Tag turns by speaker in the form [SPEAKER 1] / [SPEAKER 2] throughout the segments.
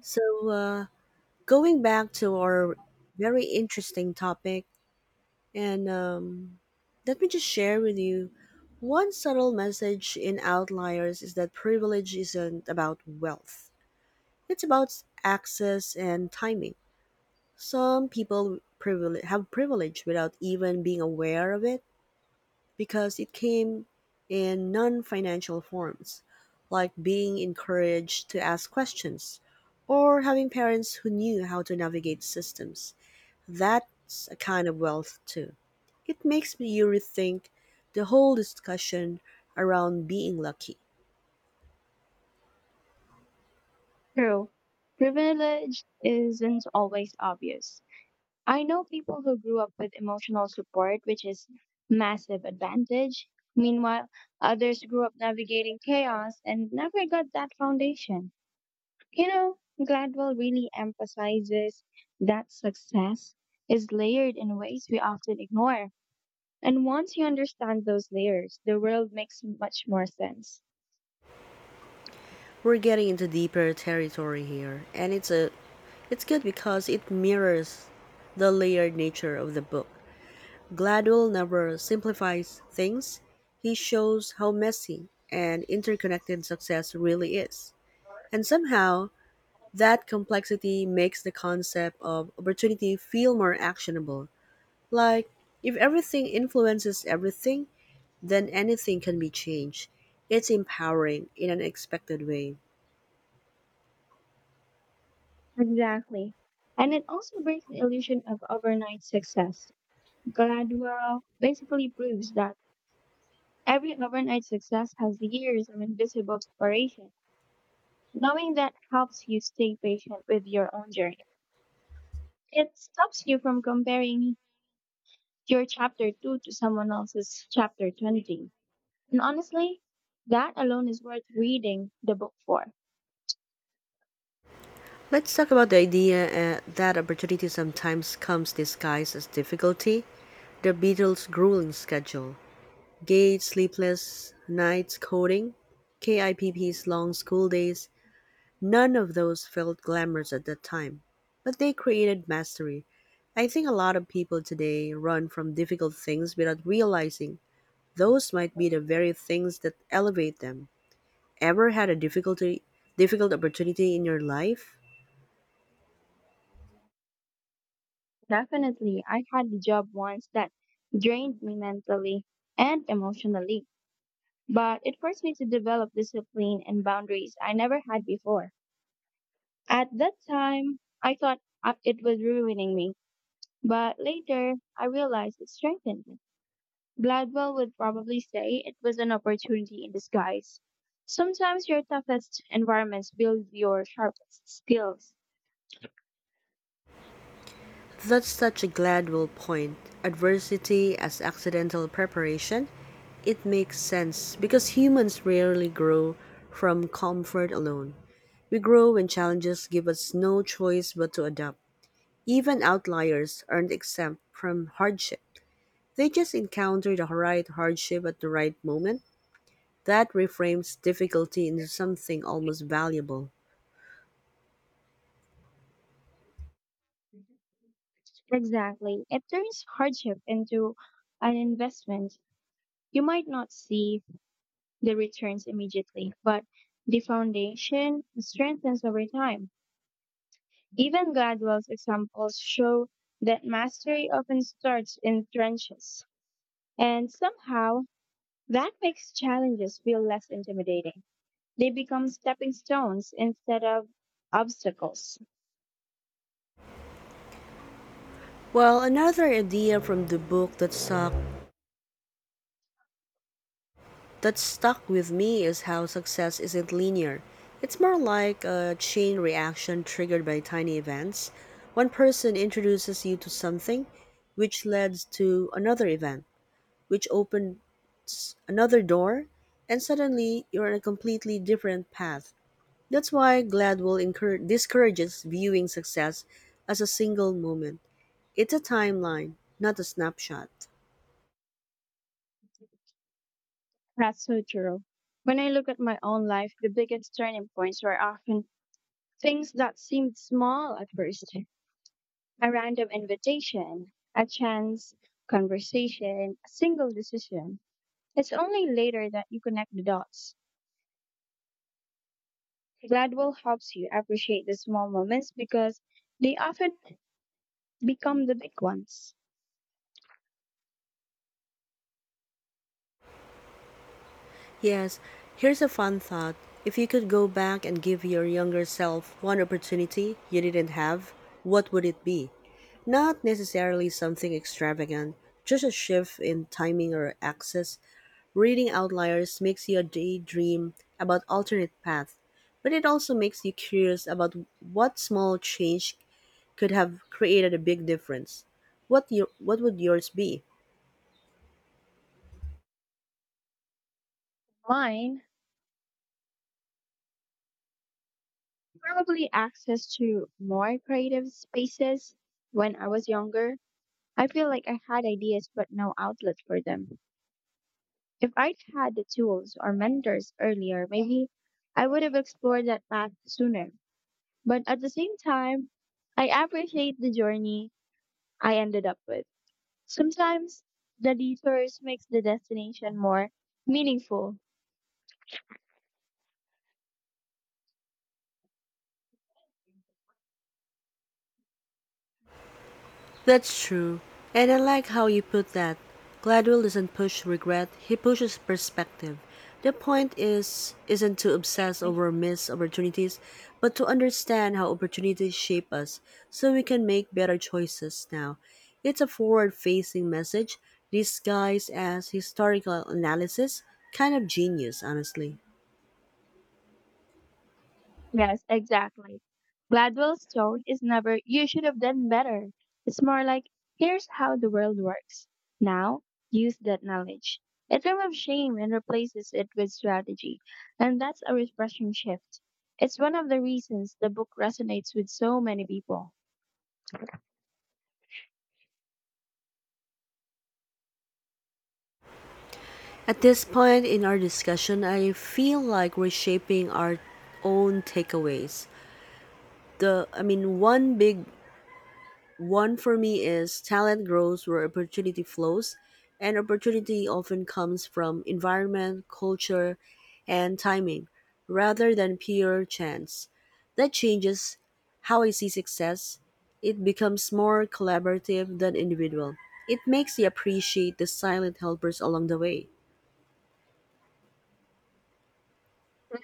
[SPEAKER 1] So, uh, Going back to our very interesting topic, and let me just share with you one subtle message in Outliers is that privilege isn't about wealth, it's about access and timing. Have privilege without even being aware of it because it came in non financial forms, like being encouraged to ask questions or having parents who knew how to navigate systems. That's a kind of wealth, too. It makes me rethink the whole discussion around being lucky.
[SPEAKER 2] True. Privilege isn't always obvious. I know people who grew up with emotional support, which is massive advantage. Meanwhile, others grew up navigating chaos and never got that foundation. You know, Gladwell really emphasizes that success is layered in ways we often ignore. And once you understand those layers, the world makes much more sense.
[SPEAKER 1] We're getting into deeper territory here, and it's good because it mirrors the layered nature of the book. Gladwell never simplifies things. He shows how messy and interconnected success really is. And somehow, that complexity makes the concept of opportunity feel more actionable. Like, if everything influences everything, then anything can be changed. It's empowering in an expected way.
[SPEAKER 2] Exactly. And it also breaks the illusion of overnight success. Gradual basically proves that every overnight success has years of invisible preparation. Knowing that helps you stay patient with your own journey. It stops you from comparing your chapter 2 to someone else's chapter 20. And honestly, that alone is worth reading the book for.
[SPEAKER 1] Let's talk about the idea that opportunity sometimes comes disguised as difficulty. The Beatles' grueling schedule. Gage's sleepless nights coding, KIPP's long school days, none of those felt glamorous at that time, but they created mastery. I think a lot of people today run from difficult things without realizing those might be the very things that elevate them. Ever had a difficult opportunity in your life?
[SPEAKER 2] Definitely, I had a job once that drained me mentally and emotionally, but it forced me to develop discipline and boundaries I never had before. At that time, I thought it was ruining me, but later I realized it strengthened me. Gladwell would probably say it was an opportunity in disguise. Sometimes your toughest environments build your sharpest skills.
[SPEAKER 1] That's such a glad point, adversity as accidental preparation, it makes sense because humans rarely grow from comfort alone. We grow when challenges give us no choice but to adapt. Even outliers aren't exempt from hardship. They just encounter the right hardship at the right moment. That reframes difficulty into something almost valuable.
[SPEAKER 2] Exactly. It turns hardship into an investment. You might not see the returns immediately, but the foundation strengthens over time. Even Gladwell's examples show that mastery often starts in trenches. And somehow, that makes challenges feel less intimidating. They become stepping stones instead of obstacles.
[SPEAKER 1] Well, another idea from the book that stuck with me is how success isn't linear. It's more like a chain reaction triggered by tiny events. One person introduces you to something, which leads to another event, which opens another door, and suddenly you're on a completely different path. That's discourages viewing success as a single moment. It's a timeline, not a snapshot.
[SPEAKER 2] That's so true. When I look at my own life, the biggest turning points were often things that seemed small at first. A random invitation, a chance conversation, a single decision. It's only later that you connect the dots. Gladwell helps you appreciate the small moments because they often become the big ones.
[SPEAKER 1] Yes, here's a fun thought. If you could go back and give your younger self one opportunity you didn't have, what would it be? Not necessarily something extravagant, just a shift in timing or access. Reading Outliers makes you daydream about alternate paths, but it also makes you curious about what small change could have created a big difference. What would yours be?
[SPEAKER 2] Mine, probably access to more creative spaces when I was younger. I feel like I had ideas but no outlet for them. If I'd had the tools or mentors earlier, maybe I would have explored that path sooner. But at the same time, I appreciate the journey I ended up with. Sometimes the detours makes the destination more meaningful.
[SPEAKER 1] That's true. And I like how you put that. Gladwell doesn't push regret, he pushes perspective. The point is isn't to obsess over missed opportunities, but to understand how opportunities shape us so we can make better choices now. It's a forward-facing message disguised as historical analysis, kind of genius, honestly.
[SPEAKER 2] Yes, exactly. Gladwell's tone is never you should have done better. It's more like here's how the world works. Now use that knowledge. It removes shame and replaces it with strategy. And that's a refreshing shift. It's one of the reasons the book resonates with so many people.
[SPEAKER 1] At this point in our discussion, I feel like we're shaping our own takeaways. The I mean one big one for me is talent grows where opportunity flows, and opportunity often comes from environment, culture, and timing rather than pure chance. That changes how I see success. It becomes more collaborative than individual. It makes you appreciate the silent helpers along the way.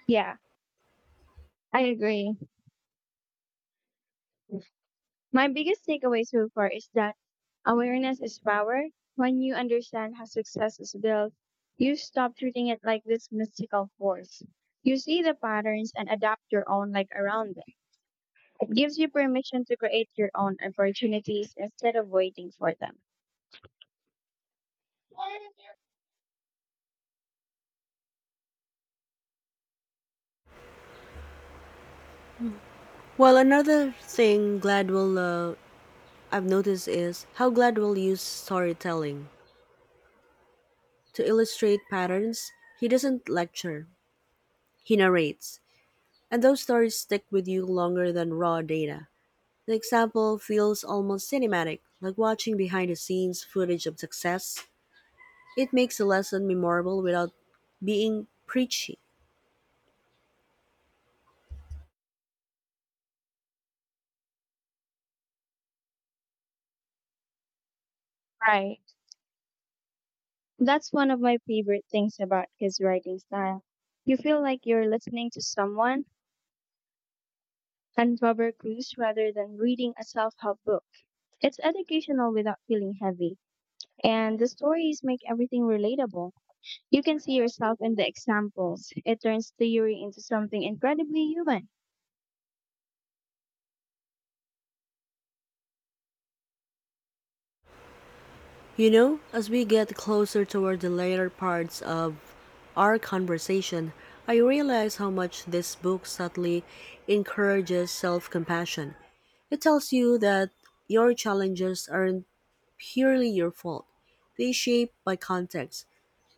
[SPEAKER 2] Yeah, I agree. My biggest takeaway so far is that awareness is power. When you understand how success is built, you stop treating it like this mystical force. You see the patterns and adapt your own life around them. It gives you permission to create your own opportunities instead of waiting for them.
[SPEAKER 1] Well, another thing Gladwell I've noticed is how Gladwell used storytelling to illustrate patterns. He doesn't lecture, he narrates, and those stories stick with you longer than raw data. The example feels almost cinematic, like watching behind the scenes footage of success. It makes a lesson memorable without being preachy.
[SPEAKER 2] Right. That's one of my favorite things about his writing style. You feel like you're listening to someone uncover clues rather than reading a self help book. It's educational without feeling heavy. And the stories make everything relatable. You can see yourself in the examples. It turns theory into something incredibly human.
[SPEAKER 1] You know, as we get closer toward the later parts of our conversation, I realize how much this book subtly encourages self compassion. It tells you that your challenges aren't purely your fault, they shape by context,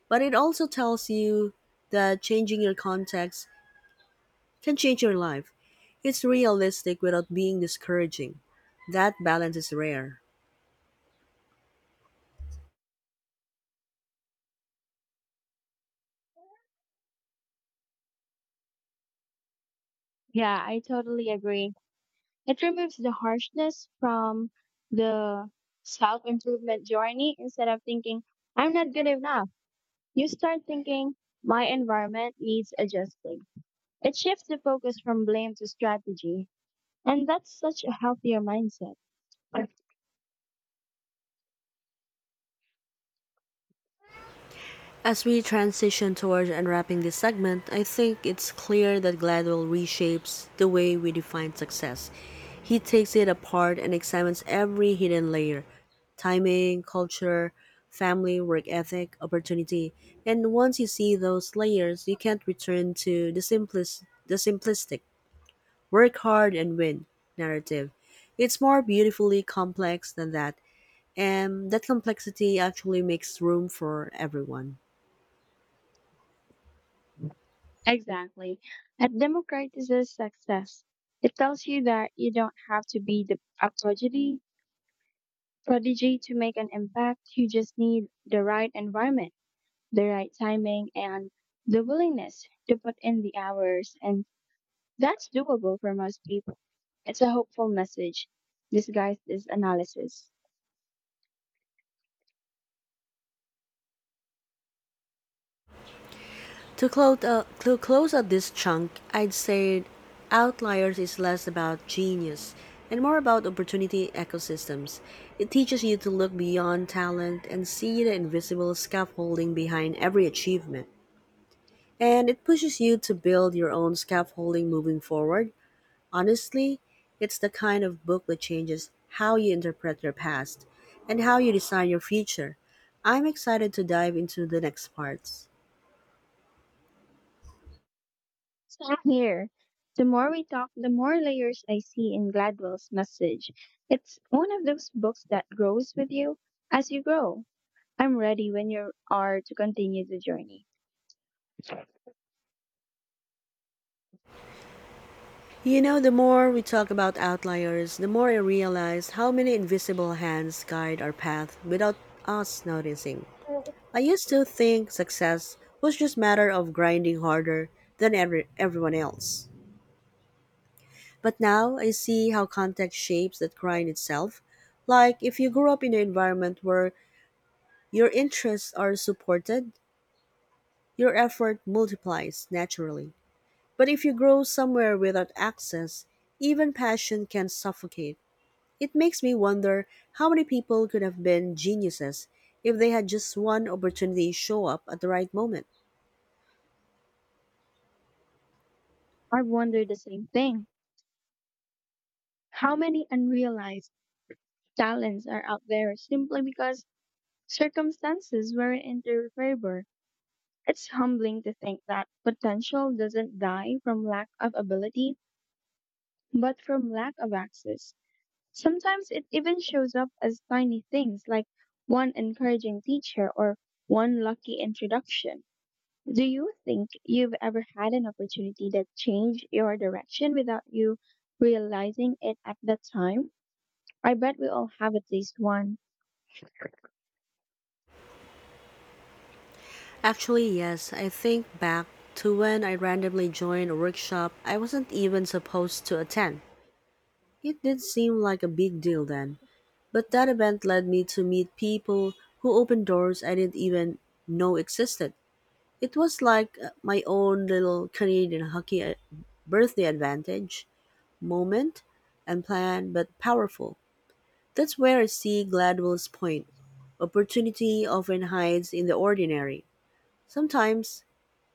[SPEAKER 1] but it also tells you that changing your context can change your life. It's realistic without being discouraging. That balance is rare.
[SPEAKER 2] Yeah, I totally agree. It removes the harshness from the self improvement journey. Instead of thinking, I'm not good enough, you start thinking, my environment needs adjusting. It shifts the focus from blame to strategy. And that's such a healthier mindset.
[SPEAKER 1] As we transition towards unwrapping this segment, I think it's clear that Gladwell reshapes the way we define success. He takes it apart and examines every hidden layer, timing, culture, family, work ethic, opportunity. And once you see those layers, you can't return to the simplistic "work hard and win" narrative. It's more beautifully complex than that, and that complexity actually makes room for everyone.
[SPEAKER 2] Exactly. It democratizes success. It tells you that you don't have to be a prodigy to make an impact. You just need the right environment, the right timing, and the willingness to put in the hours. And that's doable for most people. It's a hopeful message disguised as analysis.
[SPEAKER 1] To close, to close out this chunk, I'd say Outliers is less about genius and more about opportunity ecosystems. It teaches you to look beyond talent and see the invisible scaffolding behind every achievement. And it pushes you to build your own scaffolding moving forward. Honestly, it's the kind of book that changes how you interpret your past and how you design your future. I'm excited to dive into the next parts.
[SPEAKER 2] Same here. The more we talk, the more layers I see in Gladwell's message. It's one of those books that grows with you as you grow. I'm ready when you are to continue the journey.
[SPEAKER 1] You know, the more we talk about outliers, the more I realize how many invisible hands guide our path without us noticing. I used to think success was just a matter of grinding harder than everyone else. But now I see how context shapes that grind itself. Like, if you grew up in an environment where your interests are supported, your effort multiplies naturally. But if you grow somewhere without access, even passion can suffocate. It makes me wonder how many people could have been geniuses if they had just one opportunity show up at the right moment.
[SPEAKER 2] I've wondered the same thing. How many unrealized talents are out there simply because circumstances weren't in their favor? It's humbling to think that potential doesn't die from lack of ability, but from lack of access. Sometimes it even shows up as tiny things like one encouraging teacher or one lucky introduction. Do you think you've ever had an opportunity that changed your direction without you realizing it at that time? I bet we all have at least one.
[SPEAKER 1] Actually, yes, I think back to when I randomly joined a workshop I wasn't even supposed to attend. It did seem like a big deal then. But that event led me to meet people who opened doors I didn't even know existed. It was like my own little Canadian hockey birthday advantage moment, unplanned but powerful. That's where I see Gladwell's point. Opportunity often hides in the ordinary. Sometimes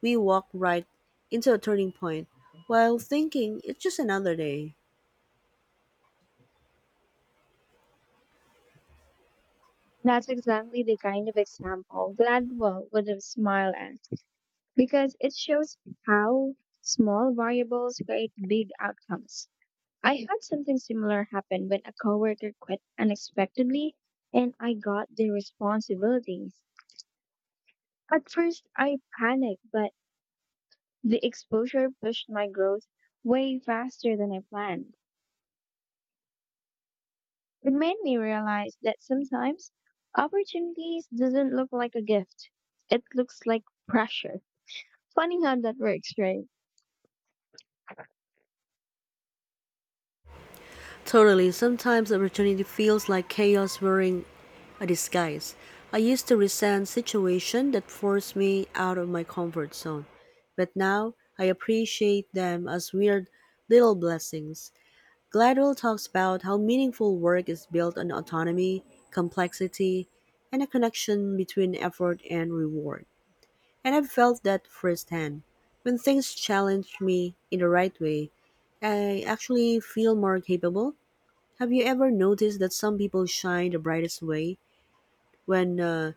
[SPEAKER 1] we walk right into a turning point while thinking it's just another day.
[SPEAKER 2] That's exactly the kind of example Gladwell would have smiled at because it shows how small variables create big outcomes. I had something similar happen when a coworker quit unexpectedly and I got the responsibilities. At first, I panicked, but the exposure pushed my growth way faster than I planned. It made me realize that sometimes opportunities doesn't look like a gift. It looks like pressure. Funny how that works, right?
[SPEAKER 1] Totally. Sometimes opportunity feels like chaos wearing a disguise. I used to resent situations that forced me out of my comfort zone, but now I appreciate them as weird little blessings. Gladwell talks about how meaningful work is built on autonomy, complexity, and a connection between effort and reward. And I've felt that firsthand. When things challenge me in the right way, I actually feel more capable. Have you ever noticed that some people shine the brightest way when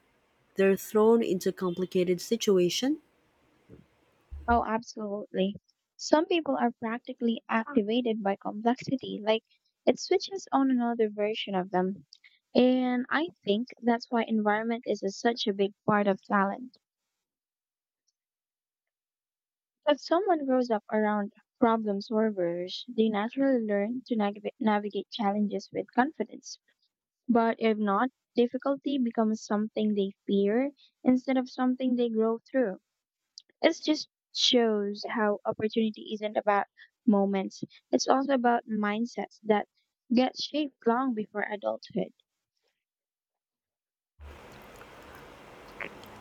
[SPEAKER 1] they're thrown into complicated situation?
[SPEAKER 2] Oh, absolutely. Some people are practically activated by complexity, like it switches on another version of them. And I think that's why environment is such a big part of talent. If someone grows up around problem solvers, they naturally learn to navigate challenges with confidence. But if not, difficulty becomes something they fear instead of something they grow through. It just shows how opportunity isn't about moments. It's also about mindsets that get shaped long before adulthood.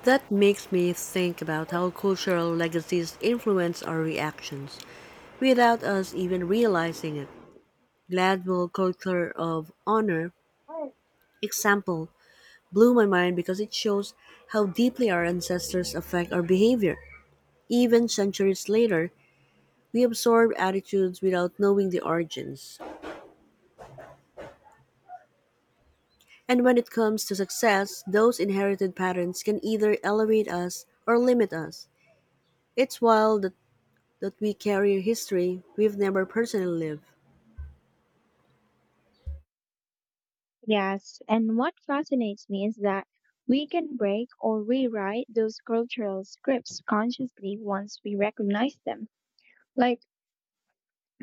[SPEAKER 1] That makes me think about how cultural legacies influence our reactions without us even realizing it. Gladwell's culture of honor example blew my mind because it shows how deeply our ancestors affect our behavior. Even centuries later, we absorb attitudes without knowing the origins. And when it comes to success, those inherited patterns can either elevate us or limit us. It's wild that we carry a history we've never personally lived.
[SPEAKER 2] Yes, and what fascinates me is that we can break or rewrite those cultural scripts consciously once we recognize them. Like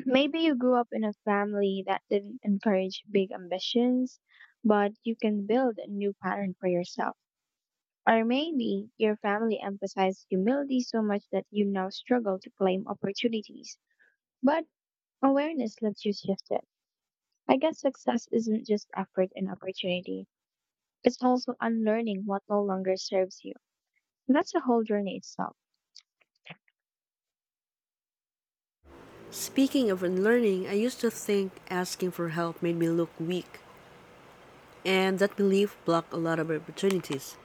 [SPEAKER 2] maybe you grew up in a family that didn't encourage big ambitions, but you can build a new pattern for yourself. Or maybe your family emphasized humility so much that you now struggle to claim opportunities. But awareness lets you shift it. I guess success isn't just effort and opportunity, it's also unlearning what no longer serves you. And that's a whole journey itself.
[SPEAKER 1] Speaking of unlearning, I used to think asking for help made me look weak, and that belief blocked a lot of opportunities.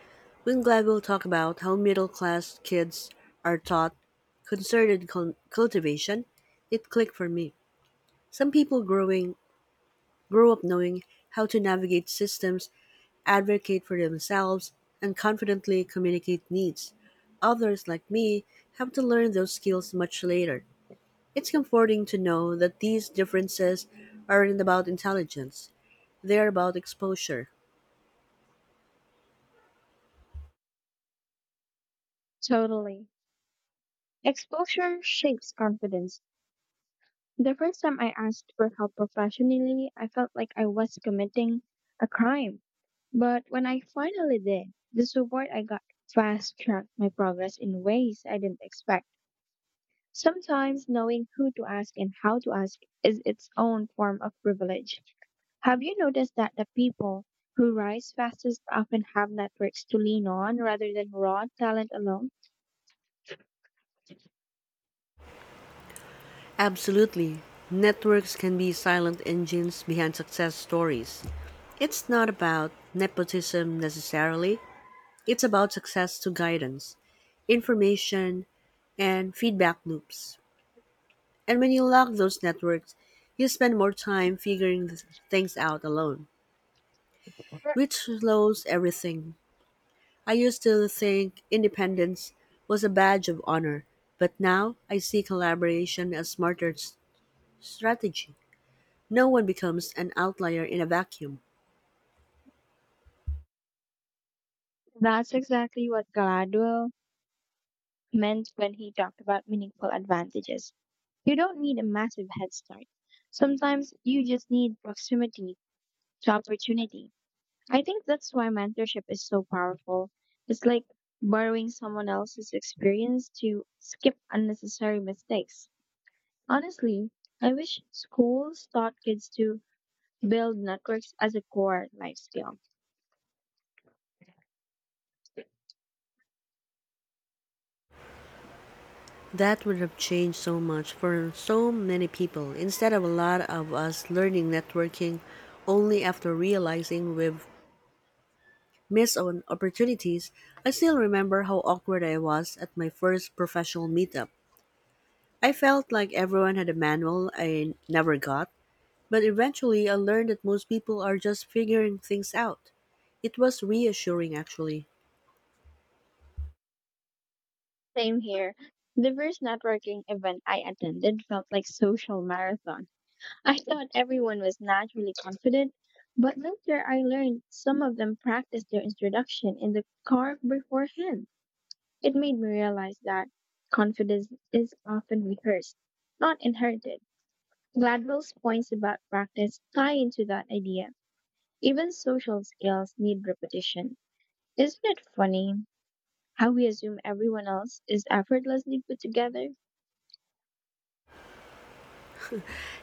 [SPEAKER 1] When Glad will talk about how middle class kids are taught cultivation, it clicked for me. Some people grow up knowing how to navigate systems, advocate for themselves, and confidently communicate needs. Others, like me, have to learn those skills much later. It's comforting to know that these differences aren't about intelligence, they're about exposure.
[SPEAKER 2] Totally. Exposure shapes confidence. The first time I asked for help professionally, I felt like I was committing a crime. But when I finally did, the support I got fast tracked my progress in ways I didn't expect. Sometimes knowing who to ask and how to ask is its own form of privilege. Have you noticed that the people who rise fastest often have networks to lean on rather than raw talent alone?
[SPEAKER 1] Absolutely. Networks can be silent engines behind success stories. It's not about nepotism necessarily, it's about success to guidance, information, and feedback loops. And when you lack those networks, you spend more time things out alone, which slows everything. I used to think independence was a badge of honor, but now I see collaboration as strategy. No one becomes an outlier in a vacuum.
[SPEAKER 2] That's exactly what Gladwell meant when he talked about meaningful advantages. You don't need a massive head start. Sometimes you just need proximity to opportunity. I think that's why mentorship is so powerful. It's like borrowing someone else's experience to skip unnecessary mistakes. Honestly, I wish schools taught kids to build networks as a core life skill.
[SPEAKER 1] That would have changed so much for so many people instead of a lot of us learning networking only after realizing we've missed on opportunities. I still remember how awkward I was at my first professional meetup. I felt like everyone had a manual I never got, but eventually I learned that most people are just figuring things out. It was reassuring actually.
[SPEAKER 2] Same here. The first networking event I attended felt like social marathon. I thought everyone was naturally confident, but later I learned some of them practiced their introduction in the car beforehand. It made me realize that confidence is often rehearsed, not inherited. Gladwell's points about practice tie into that idea. Even social skills need repetition. Isn't it funny how we assume everyone else is effortlessly put together?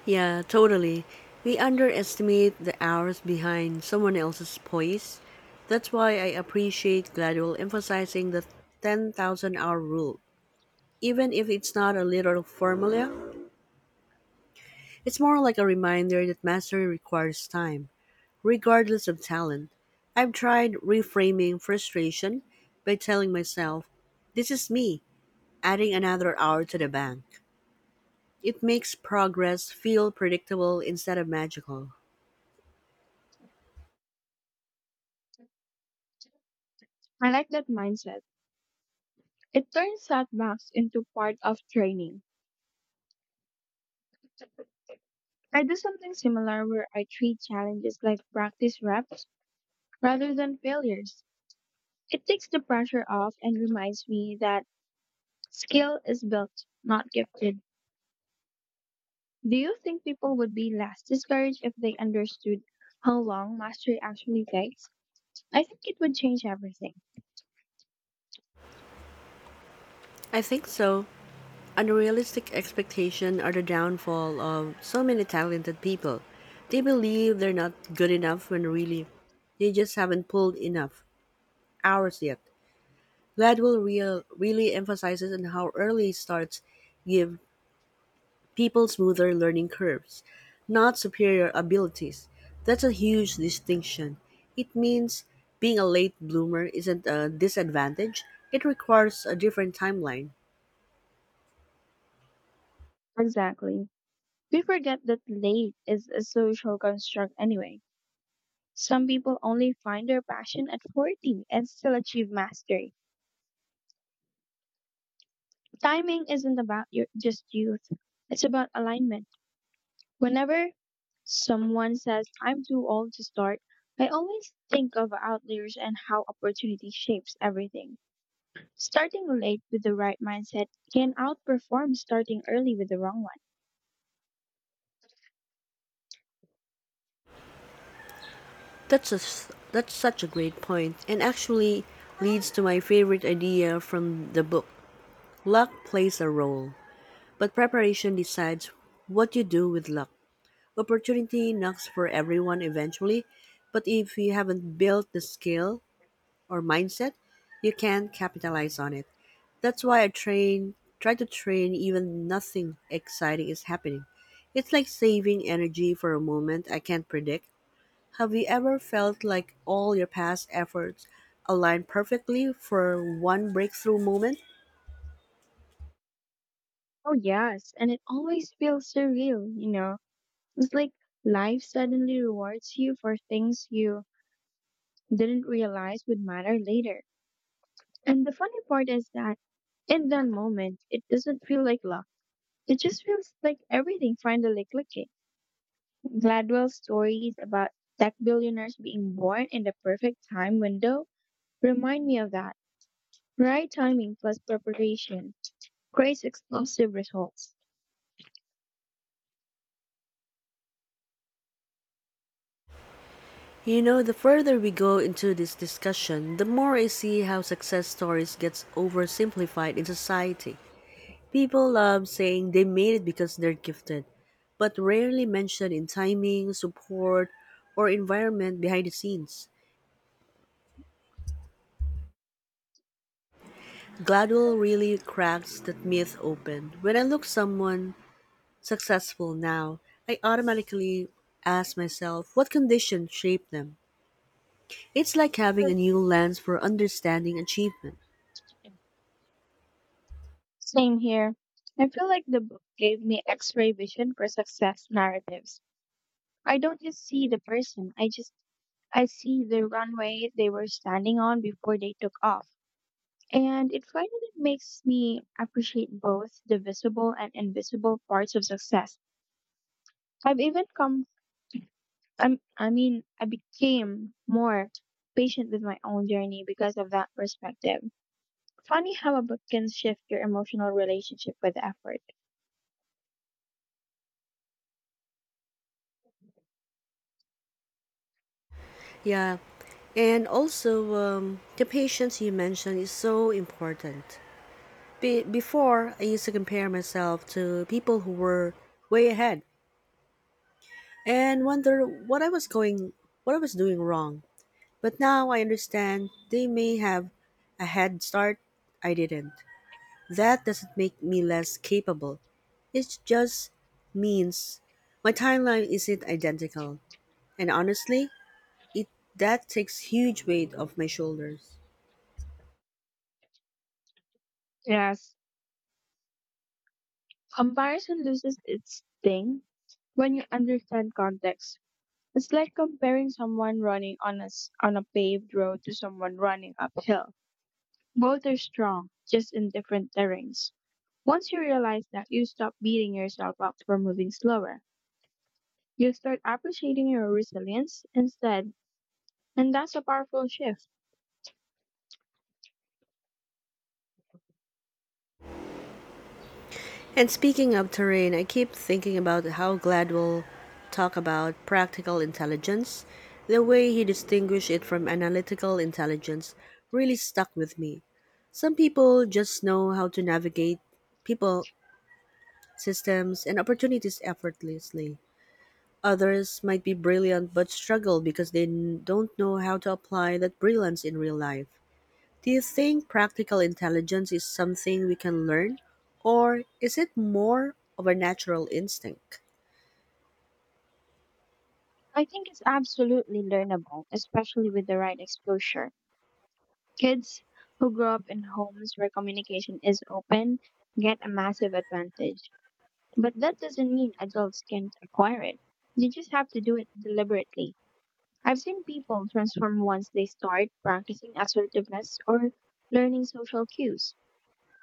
[SPEAKER 1] Yeah, totally. We underestimate the hours behind someone else's poise. That's why I appreciate Gladwell emphasizing the 10,000 hour rule. Even if it's not a literal formula, it's more like a reminder that mastery requires time, regardless of talent. I've tried reframing frustration by telling myself, this is me, adding another hour to the bank. It makes progress feel predictable instead of magical.
[SPEAKER 2] I like that mindset. It turns setbacks into part of training. I do something similar where I treat challenges like practice reps rather than failures. It takes the pressure off and reminds me that skill is built, not gifted. Do you think people would be less discouraged if they understood how long mastery actually takes? I think it would change everything.
[SPEAKER 1] I think so. Unrealistic expectations are the downfall of so many talented people. They believe they're not good enough when really they just haven't pulled enough hours yet. Gladwell really emphasizes on how early starts give people smoother learning curves, not superior abilities. That's a huge distinction. It means being a late bloomer isn't a disadvantage, it requires a different timeline.
[SPEAKER 2] Exactly. We forget that late is a social construct anyway. Some people only find their passion at 40 and still achieve mastery. Timing isn't about just youth, it's about alignment. Whenever someone says, I'm too old to start, I always think of outliers and how opportunity shapes everything. Starting late with the right mindset can outperform starting early with the wrong one.
[SPEAKER 1] That's such a great point, and actually leads to my favorite idea from the book. Luck plays a role, but preparation decides what you do with luck. Opportunity knocks for everyone eventually, but if you haven't built the skill or mindset, you can't capitalize on it. That's why I train try to train even nothing exciting is happening. It's like saving energy for a moment I can't predict. Have you ever felt like all your past efforts aligned perfectly for one breakthrough moment?
[SPEAKER 2] Oh, yes, and it always feels surreal, you know. It's like life suddenly rewards you for things you didn't realize would matter later. And the funny part is that in that moment, it doesn't feel like luck. It just feels like everything finally clicking. Gladwell's stories about tech billionaires being born in the perfect time window remind me of that. Right timing plus preparation creates explosive results.
[SPEAKER 1] You know, the further we go into this discussion, the more I see how success stories gets oversimplified in society. People love saying they made it because they're gifted, but rarely mention in timing, support, or environment behind the scenes. Gladwell really cracks that myth open. When I look someone successful now, I automatically ask myself what condition shaped them. It's like having a new lens for understanding achievement.
[SPEAKER 2] Same here. I feel like the book gave me x ray vision for success narratives. I don't just I see the runway they were standing on before they took off. And it finally makes me appreciate both the visible and invisible parts of success. I've even come, I'm, I mean, I became more patient with my own journey because of that perspective. Funny how a book can shift your emotional relationship with effort.
[SPEAKER 1] Yeah, and also the patience you mentioned is so important. Before, I used to compare myself to people who were way ahead and wonder what I was doing wrong. But now I understand they may have a head start I didn't. That doesn't make me less capable. It just means my timeline isn't identical. And honestly, it that takes huge weight off my shoulders.
[SPEAKER 2] Yes, comparison loses its sting when you understand context. It's like comparing someone running on on a paved road to someone running uphill. Both are strong, just in different terrains. Once you realize that, you stop beating yourself up for moving slower. You start appreciating your resilience instead, and that's a powerful shift.
[SPEAKER 1] And speaking of terrain, I keep thinking about how Gladwell talk about practical intelligence. The way he distinguished it from analytical intelligence really stuck with me. Some people just know how to navigate people, systems, and opportunities effortlessly. Others might be brilliant but struggle because don't know how to apply that brilliance in real life. Do you think practical intelligence is something we can learn, or is it more of a natural instinct?
[SPEAKER 2] I think it's absolutely learnable, especially with the right exposure. Kids who grow up in homes where communication is open get a massive advantage. But that doesn't mean adults can't acquire it. You just have to do it deliberately. I've seen people transform once they start practicing assertiveness or learning social cues.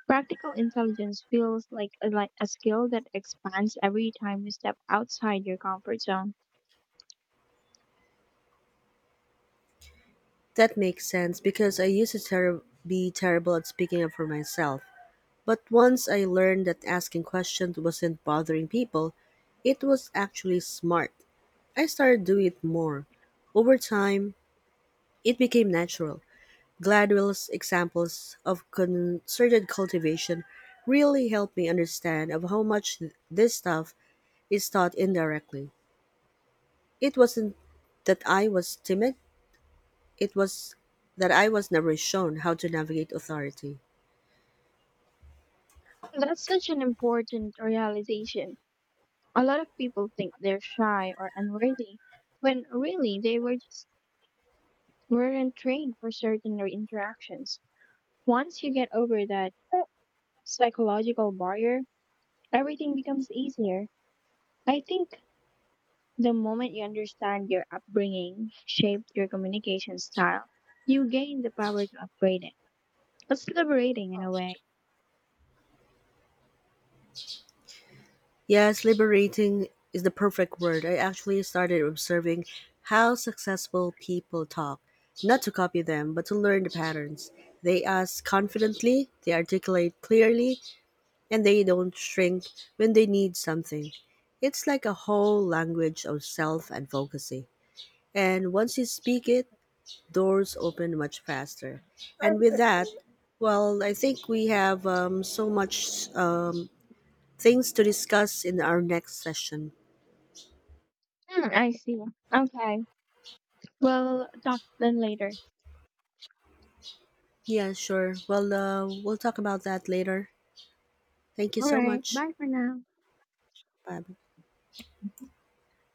[SPEAKER 2] Practical intelligence feels like like a skill that expands every time you step outside your comfort zone.
[SPEAKER 1] That makes sense because I used to be terrible at speaking up for myself. But once I learned that asking questions wasn't bothering people, it was actually smart. I started doing it more. Over time, it became natural. Gladwell's examples of concerted cultivation really helped me understand of how much this stuff is taught indirectly. It wasn't that I was timid, it was that I was never shown how to navigate authority.
[SPEAKER 2] That's such an important realization. A lot of people think they're shy or unworthy, when really they weren't trained for certain interactions. Once you get over that psychological barrier, everything becomes easier. I think the moment you understand your upbringing shaped your communication style, you gain the power to upgrade it. It's liberating in a way.
[SPEAKER 1] Yes, liberating is the perfect word. I actually started observing how successful people talk, not to copy them, but to learn the patterns. They ask confidently, they articulate clearly, and they don't shrink when they need something. It's like a whole language of self advocacy. And once you speak it, doors open much faster. And with that, well, I think we have so much things to discuss in our next session.
[SPEAKER 2] Hmm, I see. Okay. We'll talk then later.
[SPEAKER 1] Yeah, sure. Well, we'll talk about that later. Thank you
[SPEAKER 2] All
[SPEAKER 1] so
[SPEAKER 2] right.
[SPEAKER 1] much.
[SPEAKER 2] Bye for now.
[SPEAKER 1] Bye.